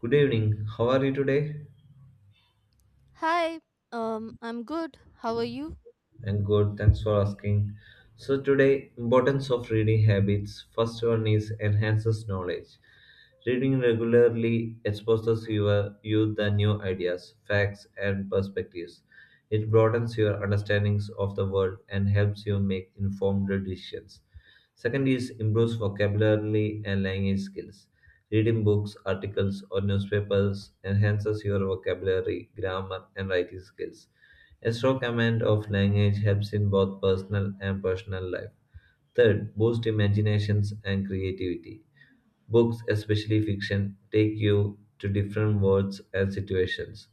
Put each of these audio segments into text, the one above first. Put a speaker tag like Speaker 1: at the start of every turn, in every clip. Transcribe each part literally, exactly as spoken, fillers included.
Speaker 1: Good evening. How are you today?
Speaker 2: Hi, um, I'm good. How are you?
Speaker 1: And good. Thanks for asking. So today, importance of reading habits. First one is enhances knowledge. Reading regularly exposes your, you the new ideas, facts, and perspectives. It broadens your understandings of the world and helps you make informed decisions. Second is improves vocabulary and language skills. Reading books, articles, or newspapers enhances your vocabulary, grammar, and writing skills. A strong command of language helps in both personal and professional life. Third, boost imaginations and creativity. Books, especially fiction, take you to different worlds and situations.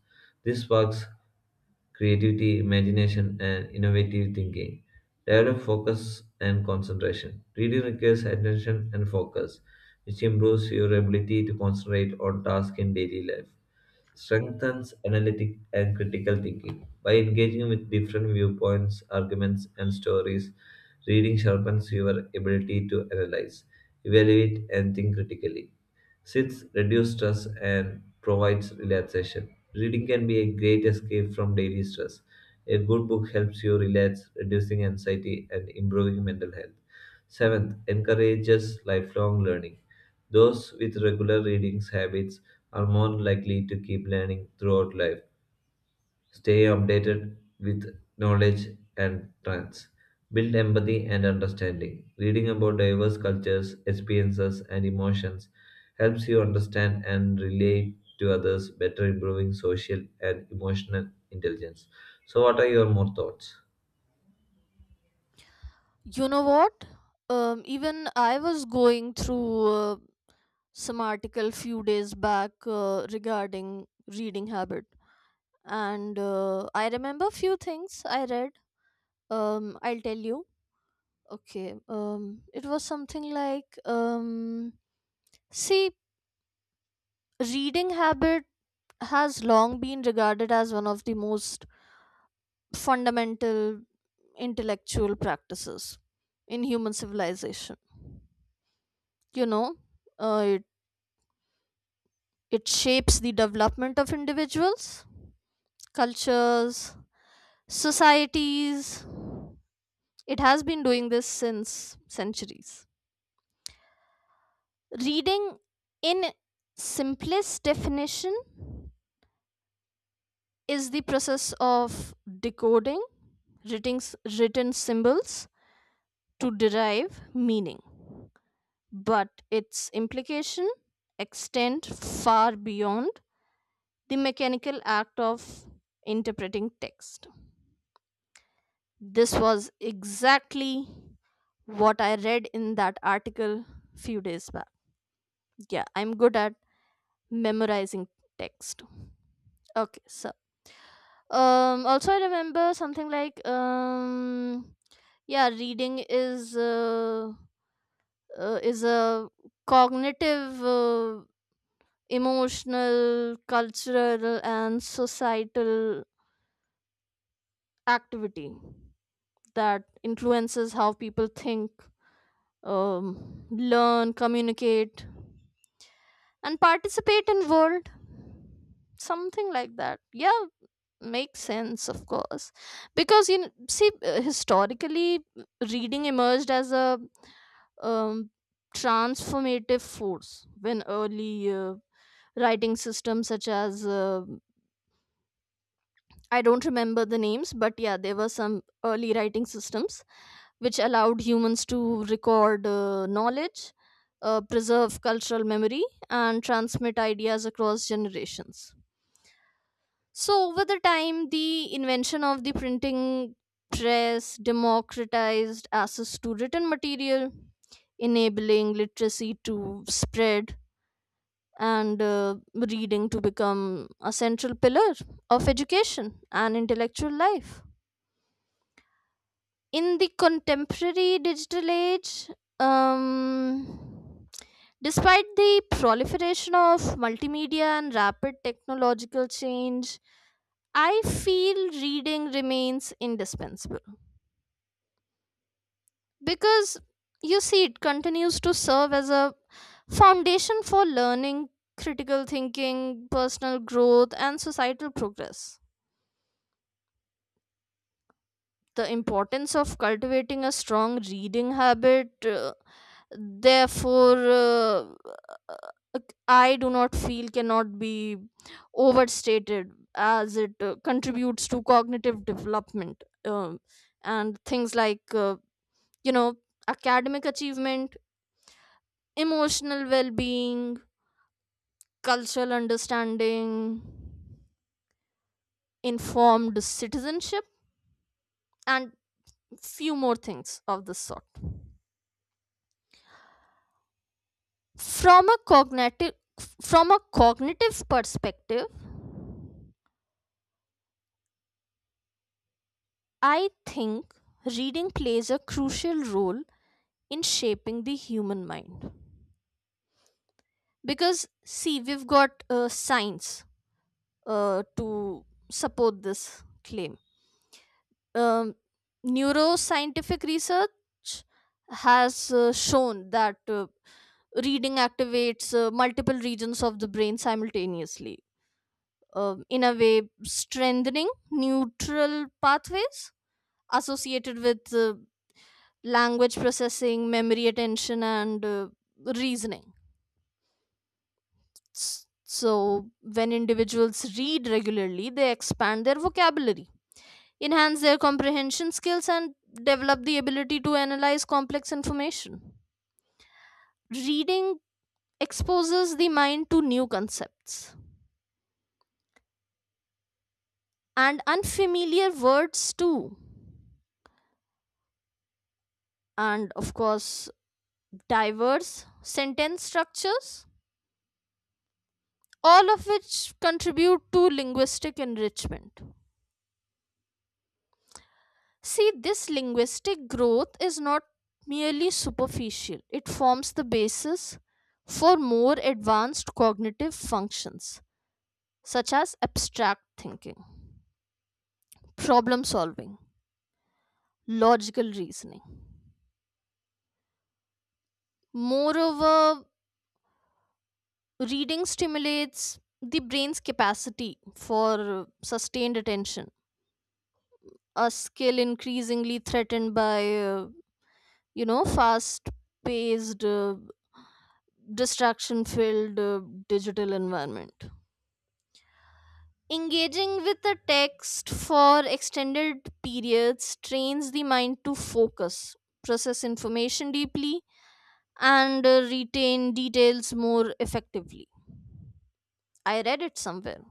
Speaker 1: This sparks creativity, imagination, and innovative thinking. Develop focus and concentration. Reading requires attention and focus, which improves your ability to concentrate on tasks in daily life strengthens analytic and critical thinking. By engaging with different viewpoints, arguments, and stories, reading sharpens your ability to analyze, evaluate, and think critically. Six, reduce stress and provides relaxation. Reading can be a great escape from daily stress. A good book helps you relax, reducing anxiety and improving mental health. Seventh, encourages lifelong learning. Those with regular reading habits are more likely to keep learning throughout life, stay updated with knowledge and trends, build empathy and understanding. Reading about diverse cultures, experiences, and emotions helps you understand and relate to others, better improving social and emotional intelligence. So, what are your more thoughts?
Speaker 2: You know what? Um, even I was going through uh, some article few days back uh, regarding reading habit, and uh, I remember few things I read. Um, I'll tell you. Okay. Um, it was something like um, see, reading habit has long been regarded as one of the most fundamental intellectual practices in human civilization, you know uh, it, it shapes the development of individuals, cultures, societies. It has been doing this since centuries. Reading, in simplest definition, is the process of decoding written, s- written symbols to derive meaning, but its implication extend far beyond the mechanical act of interpreting text. This was exactly what I read in that article few days back. Yeah, I'm good at memorizing text. Okay, so um also I remember something like um yeah, reading is uh, uh, is a cognitive, uh, emotional, cultural and societal activity that influences how people think, um, learn, communicate, and participate in world. Something like that. Yeah, makes sense, of course. Because you know, see, uh, historically, reading emerged as a um, transformative force when early uh, writing systems such as uh, I don't remember the names, but yeah, there were some early writing systems which allowed humans to record uh, knowledge, uh, preserve cultural memory, and transmit ideas across generations. So, over the time, the invention of the printing press democratized access to written material, enabling literacy to spread and uh, reading to become a central pillar of education and intellectual life. In the contemporary digital age, um, despite the proliferation of multimedia and rapid technological change, I feel reading remains indispensable because, you see, it continues to serve as a foundation for learning, critical thinking, personal growth, and societal progress. The importance of cultivating a strong reading habit, uh, therefore, uh, ac- I do not feel cannot be overstated, as it uh, contributes to cognitive development, um, and things like, uh, you know, academic achievement, emotional well being, cultural understanding, informed citizenship, and few more things of this sort. From a cognitive from a cognitive perspective, I think reading plays a crucial role in shaping the human mind, because see we've got uh, science uh, to support this claim. um, Neuroscientific research has uh, shown that uh, reading activates uh, multiple regions of the brain simultaneously, um in a way strengthening neutral pathways associated with uh, language processing, memory, attention, and uh, reasoning. S- So, when individuals read regularly, they expand their vocabulary, enhance their comprehension skills, and develop the ability to analyze complex information. Reading exposes the mind to new concepts and unfamiliar words, too, and, of course, diverse sentence structures, all of which contribute to linguistic enrichment. See, this linguistic growth is not merely superficial, it forms the basis for more advanced cognitive functions such as abstract thinking, problem solving, logical reasoning. Moreover, reading stimulates the brain's capacity for sustained attention, a skill increasingly threatened by, uh, you know, fast paced, uh, distraction filled uh, digital environment. Engaging with a text for extended periods trains the mind to focus, process information deeply, and uh, retain details more effectively. I read it somewhere.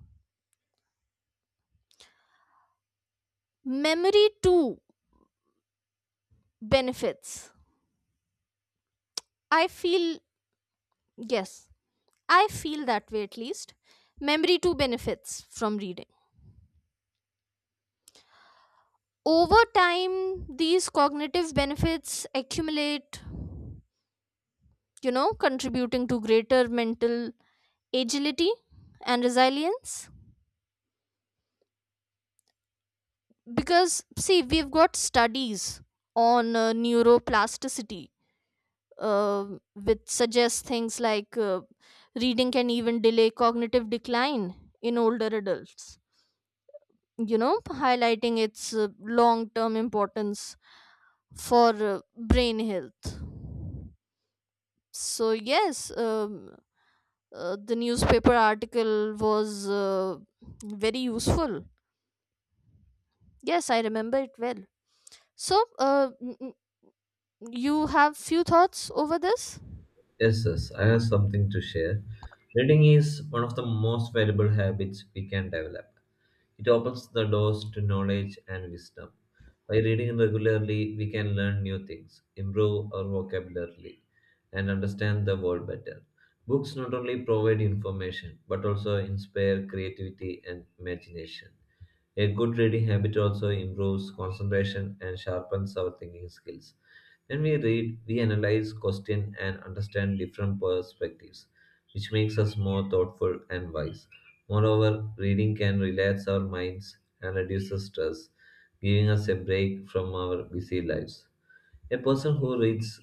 Speaker 2: Memory too benefits. I feel, yes, I feel that way at least. Memory too benefits from reading. Over time, these cognitive benefits accumulate, you know, contributing to greater mental agility and resilience, because see we've got studies on uh, neuroplasticity, uh, which suggest things like uh, reading can even delay cognitive decline in older adults, you know, highlighting its uh, long term importance for uh, brain health. So yes, um, uh, the newspaper article was uh, very useful. Yes, I remember it well. So, uh, n- n- you have few thoughts over this?
Speaker 1: Yes, yes, I have something to share. Reading is one of the most valuable habits we can develop. It opens the doors to knowledge and wisdom. By reading regularly, we can learn new things, improve our vocabulary, and understand the world better. Books not only provide information but also inspire creativity and imagination. A good reading habit also improves concentration and sharpens our thinking skills. When we read, we analyze, question, and understand different perspectives, which makes us more thoughtful and wise. Moreover, reading can relax our minds and reduces stress, giving us a break from our busy lives. A person who reads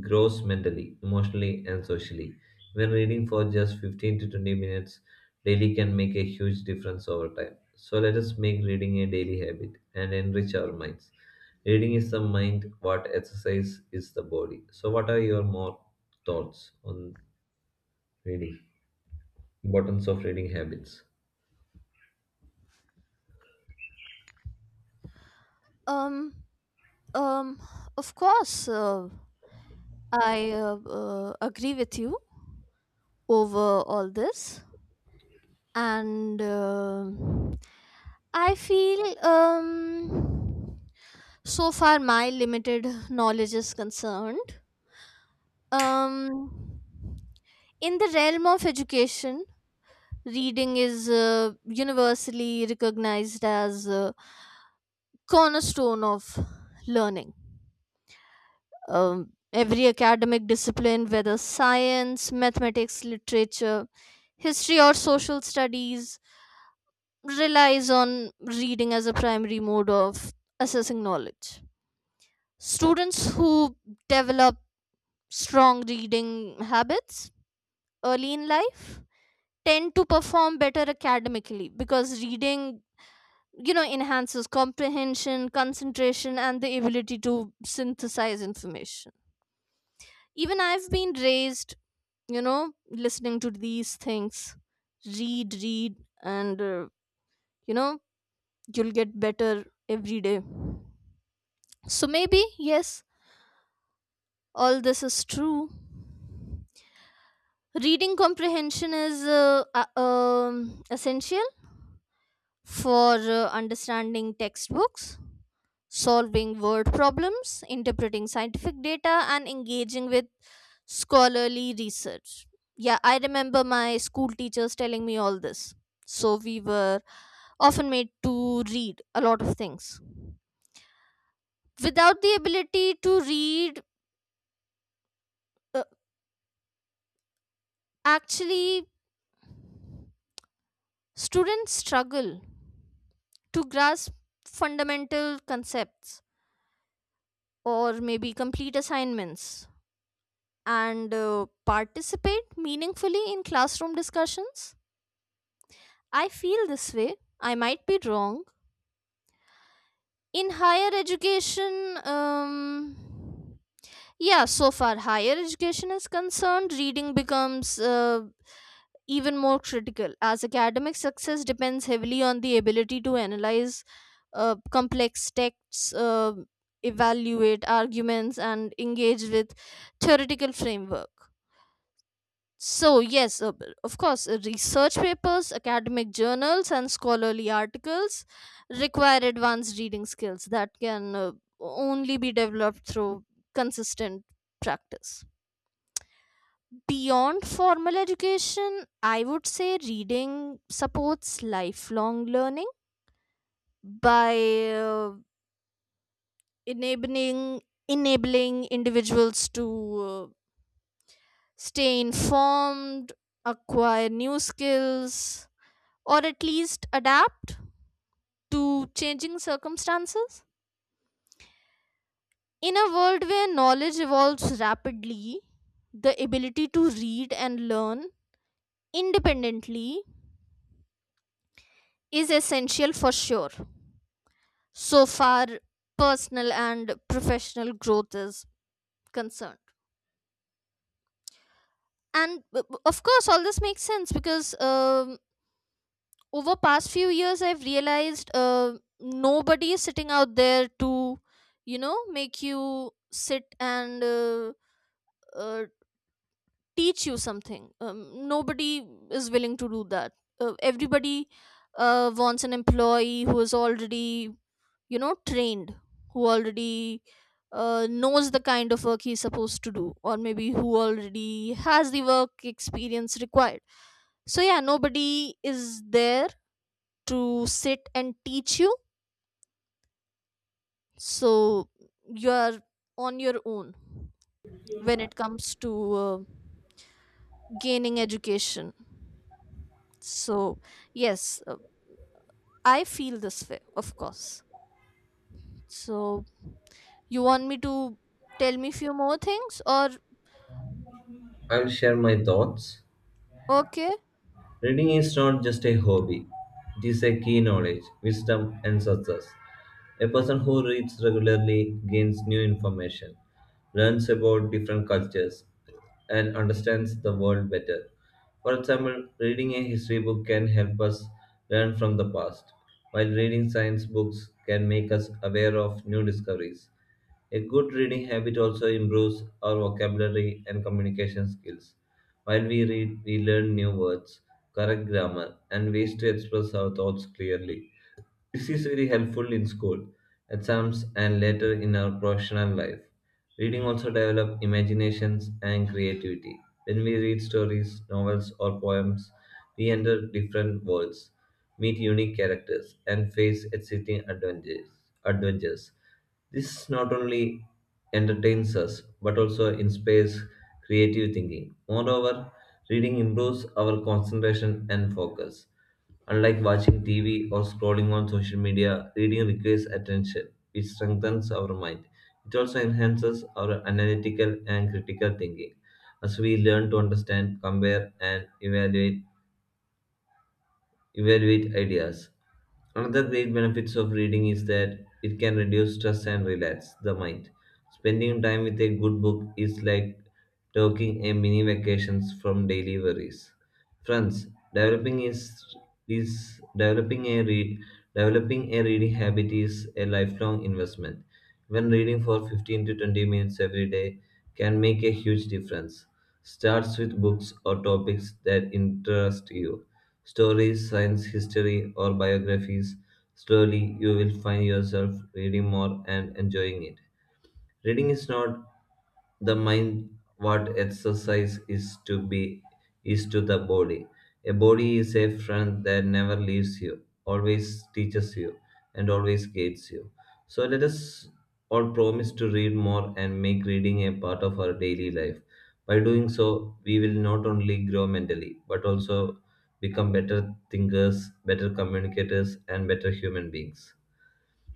Speaker 1: grows mentally, emotionally, and socially. When reading for just fifteen to twenty minutes daily can make a huge difference over time. So let us make reading a daily habit and enrich our minds. Reading is the mind, what exercise is the body. So, what are your more thoughts on reading? Importance of reading habits.
Speaker 2: Um, um, of course, uh, I uh, uh, agree with you over all this, and um I feel, um, so far my limited knowledge is concerned. Um, in the realm of education, reading is uh, universally recognized as Uh, cornerstone of learning. Um, every academic discipline, whether science, mathematics, literature, history, or social studies, relies on reading as a primary mode of assessing knowledge. Students who develop strong reading habits early in life tend to perform better academically, because reading, you know, enhances comprehension, concentration, and the ability to synthesize information. Even I've been raised, you know, listening to these things, read read and uh, you know, you'll get better every day. So maybe, yes, all this is true. Reading comprehension is uh, uh, um, essential for uh, understanding textbooks, solving word problems, interpreting scientific data, and engaging with scholarly research. Yeah, I remember my school teachers telling me all this. So we were often made to read a lot of things. Without the ability to read, uh, actually, students struggle to grasp fundamental concepts, or maybe complete assignments, and uh, participate meaningfully in classroom discussions. I feel this way. I might be wrong. In higher education, um, yeah, so far higher education is concerned, reading becomes uh, even more critical, as academic success depends heavily on the ability to analyze uh, complex texts, uh, evaluate arguments, and engage with theoretical framework. So, yes, uh, b- of course, uh, research papers, academic journals, and scholarly articles require advanced reading skills that can uh, only be developed through consistent practice. Beyond formal education, I would say reading supports lifelong learning by uh, enabling enabling individuals to uh, stay informed, acquire new skills, or at least adapt to changing circumstances? In a world where knowledge evolves rapidly, the ability to read and learn independently is essential for sure, so far personal and professional growth is concerned. And, b- of course, all this makes sense because, um, over past few years, I've realized uh, nobody is sitting out there to, you know, make you sit and uh, uh, teach you something. Um, nobody is willing to do that. Uh, everybody uh, wants an employee who is already, you know, trained, who already uh, knows the kind of work he's supposed to do, or maybe who already has the work experience required. So yeah, nobody is there to sit and teach you. So you are on your own when it comes to uh, gaining education. So, yes, uh, I feel this way, of course. So, you want me to tell me few more things or
Speaker 1: I'll share my thoughts.
Speaker 2: okay?
Speaker 1: Reading is not just a hobby, it is a key knowledge, wisdom, and success. A person who reads regularly gains new information, learns about different cultures, and understands the world better. For example, reading a history book can help us learn from the past, while reading science books can make us aware of new discoveries. A good reading habit also improves our vocabulary and communication skills. While we read, we learn new words, correct grammar, and ways to express our thoughts clearly. This is very helpful in school, exams, and later in our professional life. Reading also develops imaginations and creativity. When we read stories, novels, or poems, we enter different worlds, meet unique characters, and face exciting adventures. adventures. This not only entertains us but also inspires creative thinking. Moreover, reading improves our concentration and focus. Unlike watching T V or scrolling on social media, reading requires attention, which strengthens our mind. It also enhances our analytical and critical thinking as we learn to understand, compare, and evaluate evaluate ideas. Another great benefits of reading is that it can reduce stress and relax the mind. Spending time with a good book is like taking a mini vacations from daily worries. Friends, developing is is developing a read developing a reading habit is a lifelong investment. When reading for fifteen to twenty minutes every day can make a huge difference. Starts with books or topics that interest you: stories, science, history, or biographies. Slowly, you will find yourself reading more and enjoying it. Reading is not the mind, what exercise is to be is to the body. A body is a friend that never leaves you, always teaches you, and always guides you. So let us all promise to read more and make reading a part of our daily life. By doing so, we will not only grow mentally, but also become better thinkers, better communicators, and better human beings.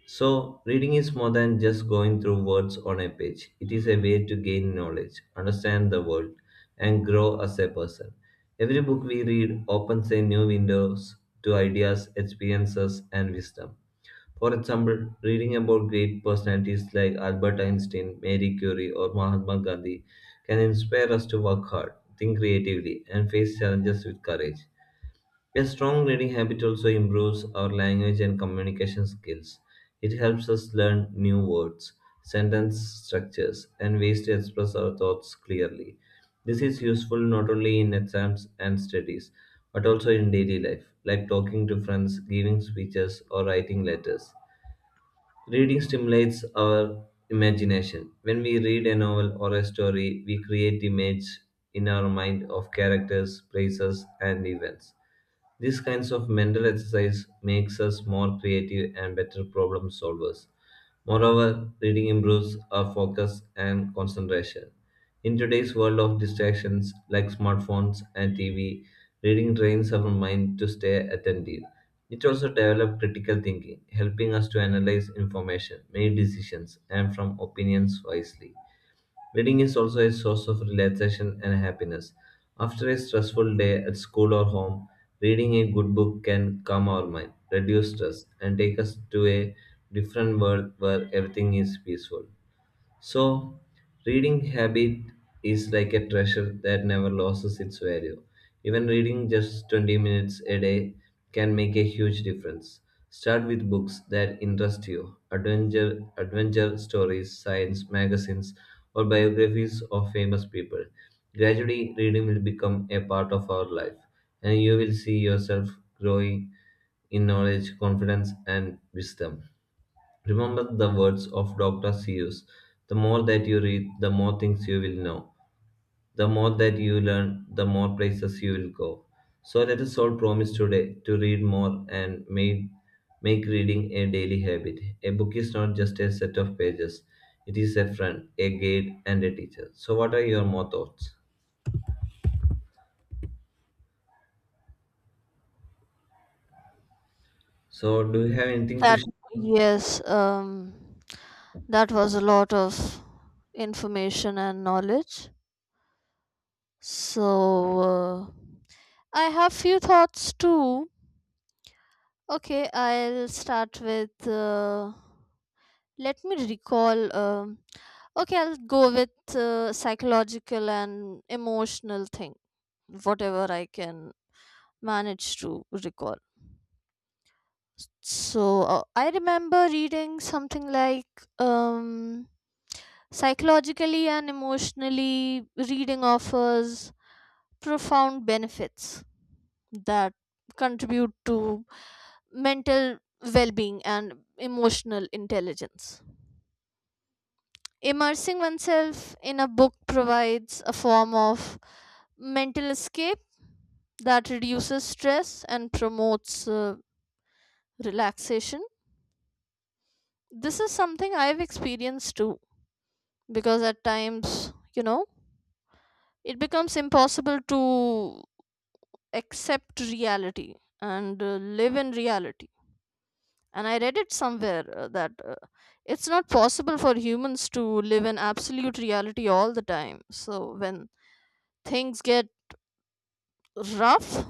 Speaker 1: So, reading is more than just going through words on a page. It is a way to gain knowledge, understand the world, and grow as a person. Every book we read opens a new windows to ideas, experiences, and wisdom. For example, reading about great personalities like Albert Einstein, Marie Curie, or Mahatma Gandhi can inspire us to work hard, think creatively, and face challenges with courage. A strong reading habit also improves our language and communication skills. It helps us learn new words, sentence structures, and ways to express our thoughts clearly. This is useful not only in exams and studies, but also in daily life, like talking to friends, giving speeches, or writing letters. Reading stimulates our imagination. When we read a novel or a story, we create images in our mind of characters, places, and events. These kinds of mental exercise makes us more creative and better problem solvers. Moreover, reading improves our focus and concentration. In today's world of distractions like smartphones and T V, reading trains our mind to stay attentive. It also develops critical thinking, helping us to analyze information, make decisions, and from opinions wisely. Reading is also a source of relaxation and happiness. After a stressful day at school or home, reading a good book can calm our mind, reduce stress, and take us to a different world where everything is peaceful. So, reading habit is like a treasure that never loses its value. Even reading just twenty minutes a day can make a huge difference. Start with books that interest you: adventure, adventure stories, science, magazines, or biographies of famous people. Gradually, reading will become a part of our life, and you will see yourself growing in knowledge, confidence, and wisdom. Remember the words of Doctor Seuss: the more that you read, the more things you will know. The more that you learn, the more places you will go. So let us all promise today to read more and make, make reading a daily habit. A book is not just a set of pages, it is a friend, a guide, and a teacher. So, what are your more thoughts? So, do you have anything to
Speaker 2: That,
Speaker 1: share?
Speaker 2: yes, um that was a lot of information and knowledge. So, uh, I have few thoughts too. Okay, I'll start with, uh, let me recall. um Okay, I'll go with uh, psychological and emotional thing, whatever I can manage to recall. So uh, I remember reading something like, um, psychologically and emotionally, reading offers profound benefits that contribute to mental well being and emotional intelligence. Immersing oneself in a book provides a form of mental escape that reduces stress and promotes uh, relaxation. This is something I've experienced too, because at times, you know, it becomes impossible to accept reality and uh, live in reality. And I read it somewhere uh, that uh, it's not possible for humans to live in absolute reality all the time. So when things get rough,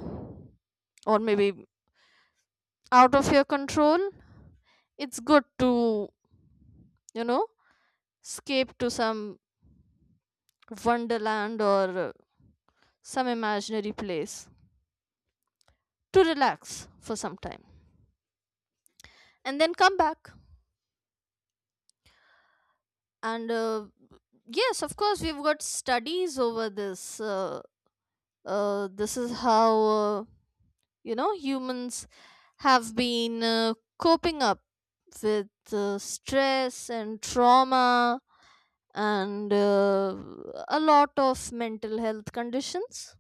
Speaker 2: or maybe out of your control, it's good to, you know, escape to some wonderland or uh, some imaginary place to relax for some time and then come back. And uh, yes, of course, we've got studies over this. Uh, uh, this is how, uh, you know, humans have been uh, coping up with uh, stress and trauma and uh, a lot of mental health conditions.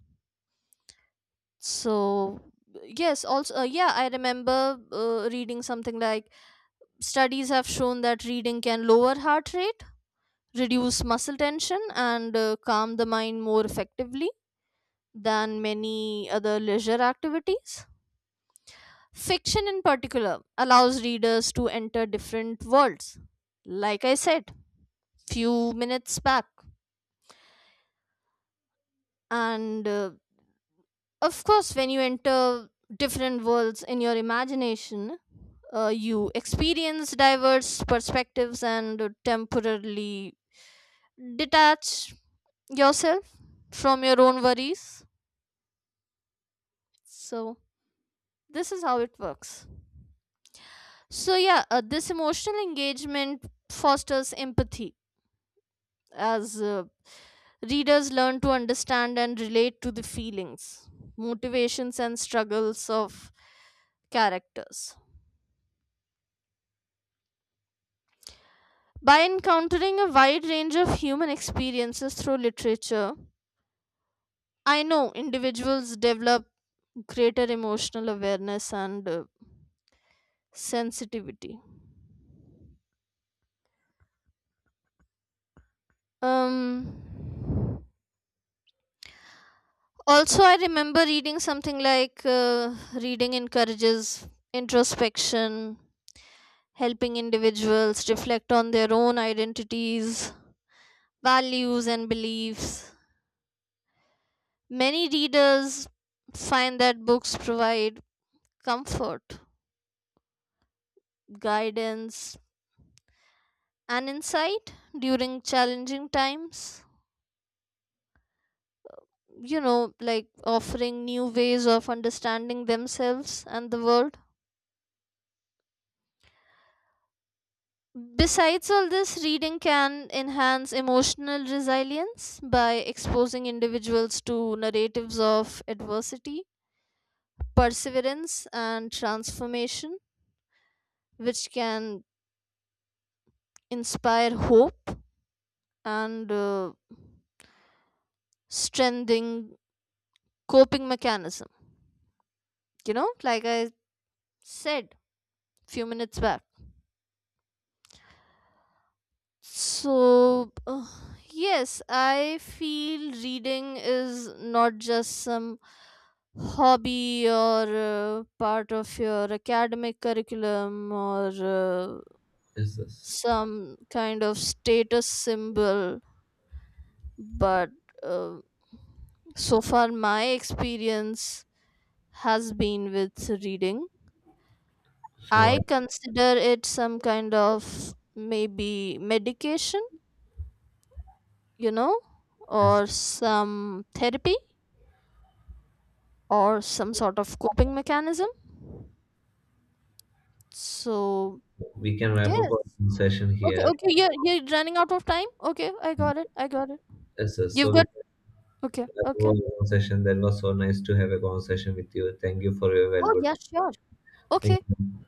Speaker 2: So yes, also, uh, yeah, I remember uh, reading something like studies have shown that reading can lower heart rate, reduce muscle tension, and uh, calm the mind more effectively than many other leisure activities. Fiction in particular allows readers to enter different worlds, like I said few minutes back, and uh, of course, when you enter different worlds in your imagination, uh, you experience diverse perspectives and temporarily detach yourself from your own worries. So, this is how it works. So, yeah, uh, this emotional engagement fosters empathy, as uh, readers learn to understand and relate to the feelings, motivations, and struggles of characters. By encountering a wide range of human experiences through literature, I know individuals develop greater emotional awareness and uh, sensitivity. Um, Also, I remember reading something like, uh, reading encourages introspection, helping individuals reflect on their own identities, values, and beliefs. Many readers find that books provide comfort, guidance, and insight during challenging times. You know, like offering new ways of understanding themselves and the world. Besides all this, reading can enhance emotional resilience by exposing individuals to narratives of adversity, perseverance, and transformation, which can inspire hope and uh, strengthening coping mechanism. You know, like I said few minutes back. So, uh, yes, I feel reading is not just some hobby, or uh, part of your academic curriculum, or uh,
Speaker 1: Yes, yes.
Speaker 2: some kind of status symbol, but, uh, so far my experience has been with reading.
Speaker 1: So,
Speaker 2: I consider it some kind of maybe medication, you know,
Speaker 1: yes,
Speaker 2: or some therapy, or some sort of coping mechanism. So,
Speaker 1: we can wrap up
Speaker 2: yes.
Speaker 1: our session
Speaker 2: Okay,
Speaker 1: here.
Speaker 2: okay, you're, you're running out of time. Okay, I got it. I got it.
Speaker 1: Yes, yes.
Speaker 2: You've
Speaker 1: So, we
Speaker 2: got. Okay,
Speaker 1: That
Speaker 2: okay.
Speaker 1: was a conversation. That was so nice to have a conversation with you. Thank you for your
Speaker 2: Oh,
Speaker 1: valuable
Speaker 2: yeah,
Speaker 1: time.
Speaker 2: sure.
Speaker 1: Thank
Speaker 2: Okay.
Speaker 1: you.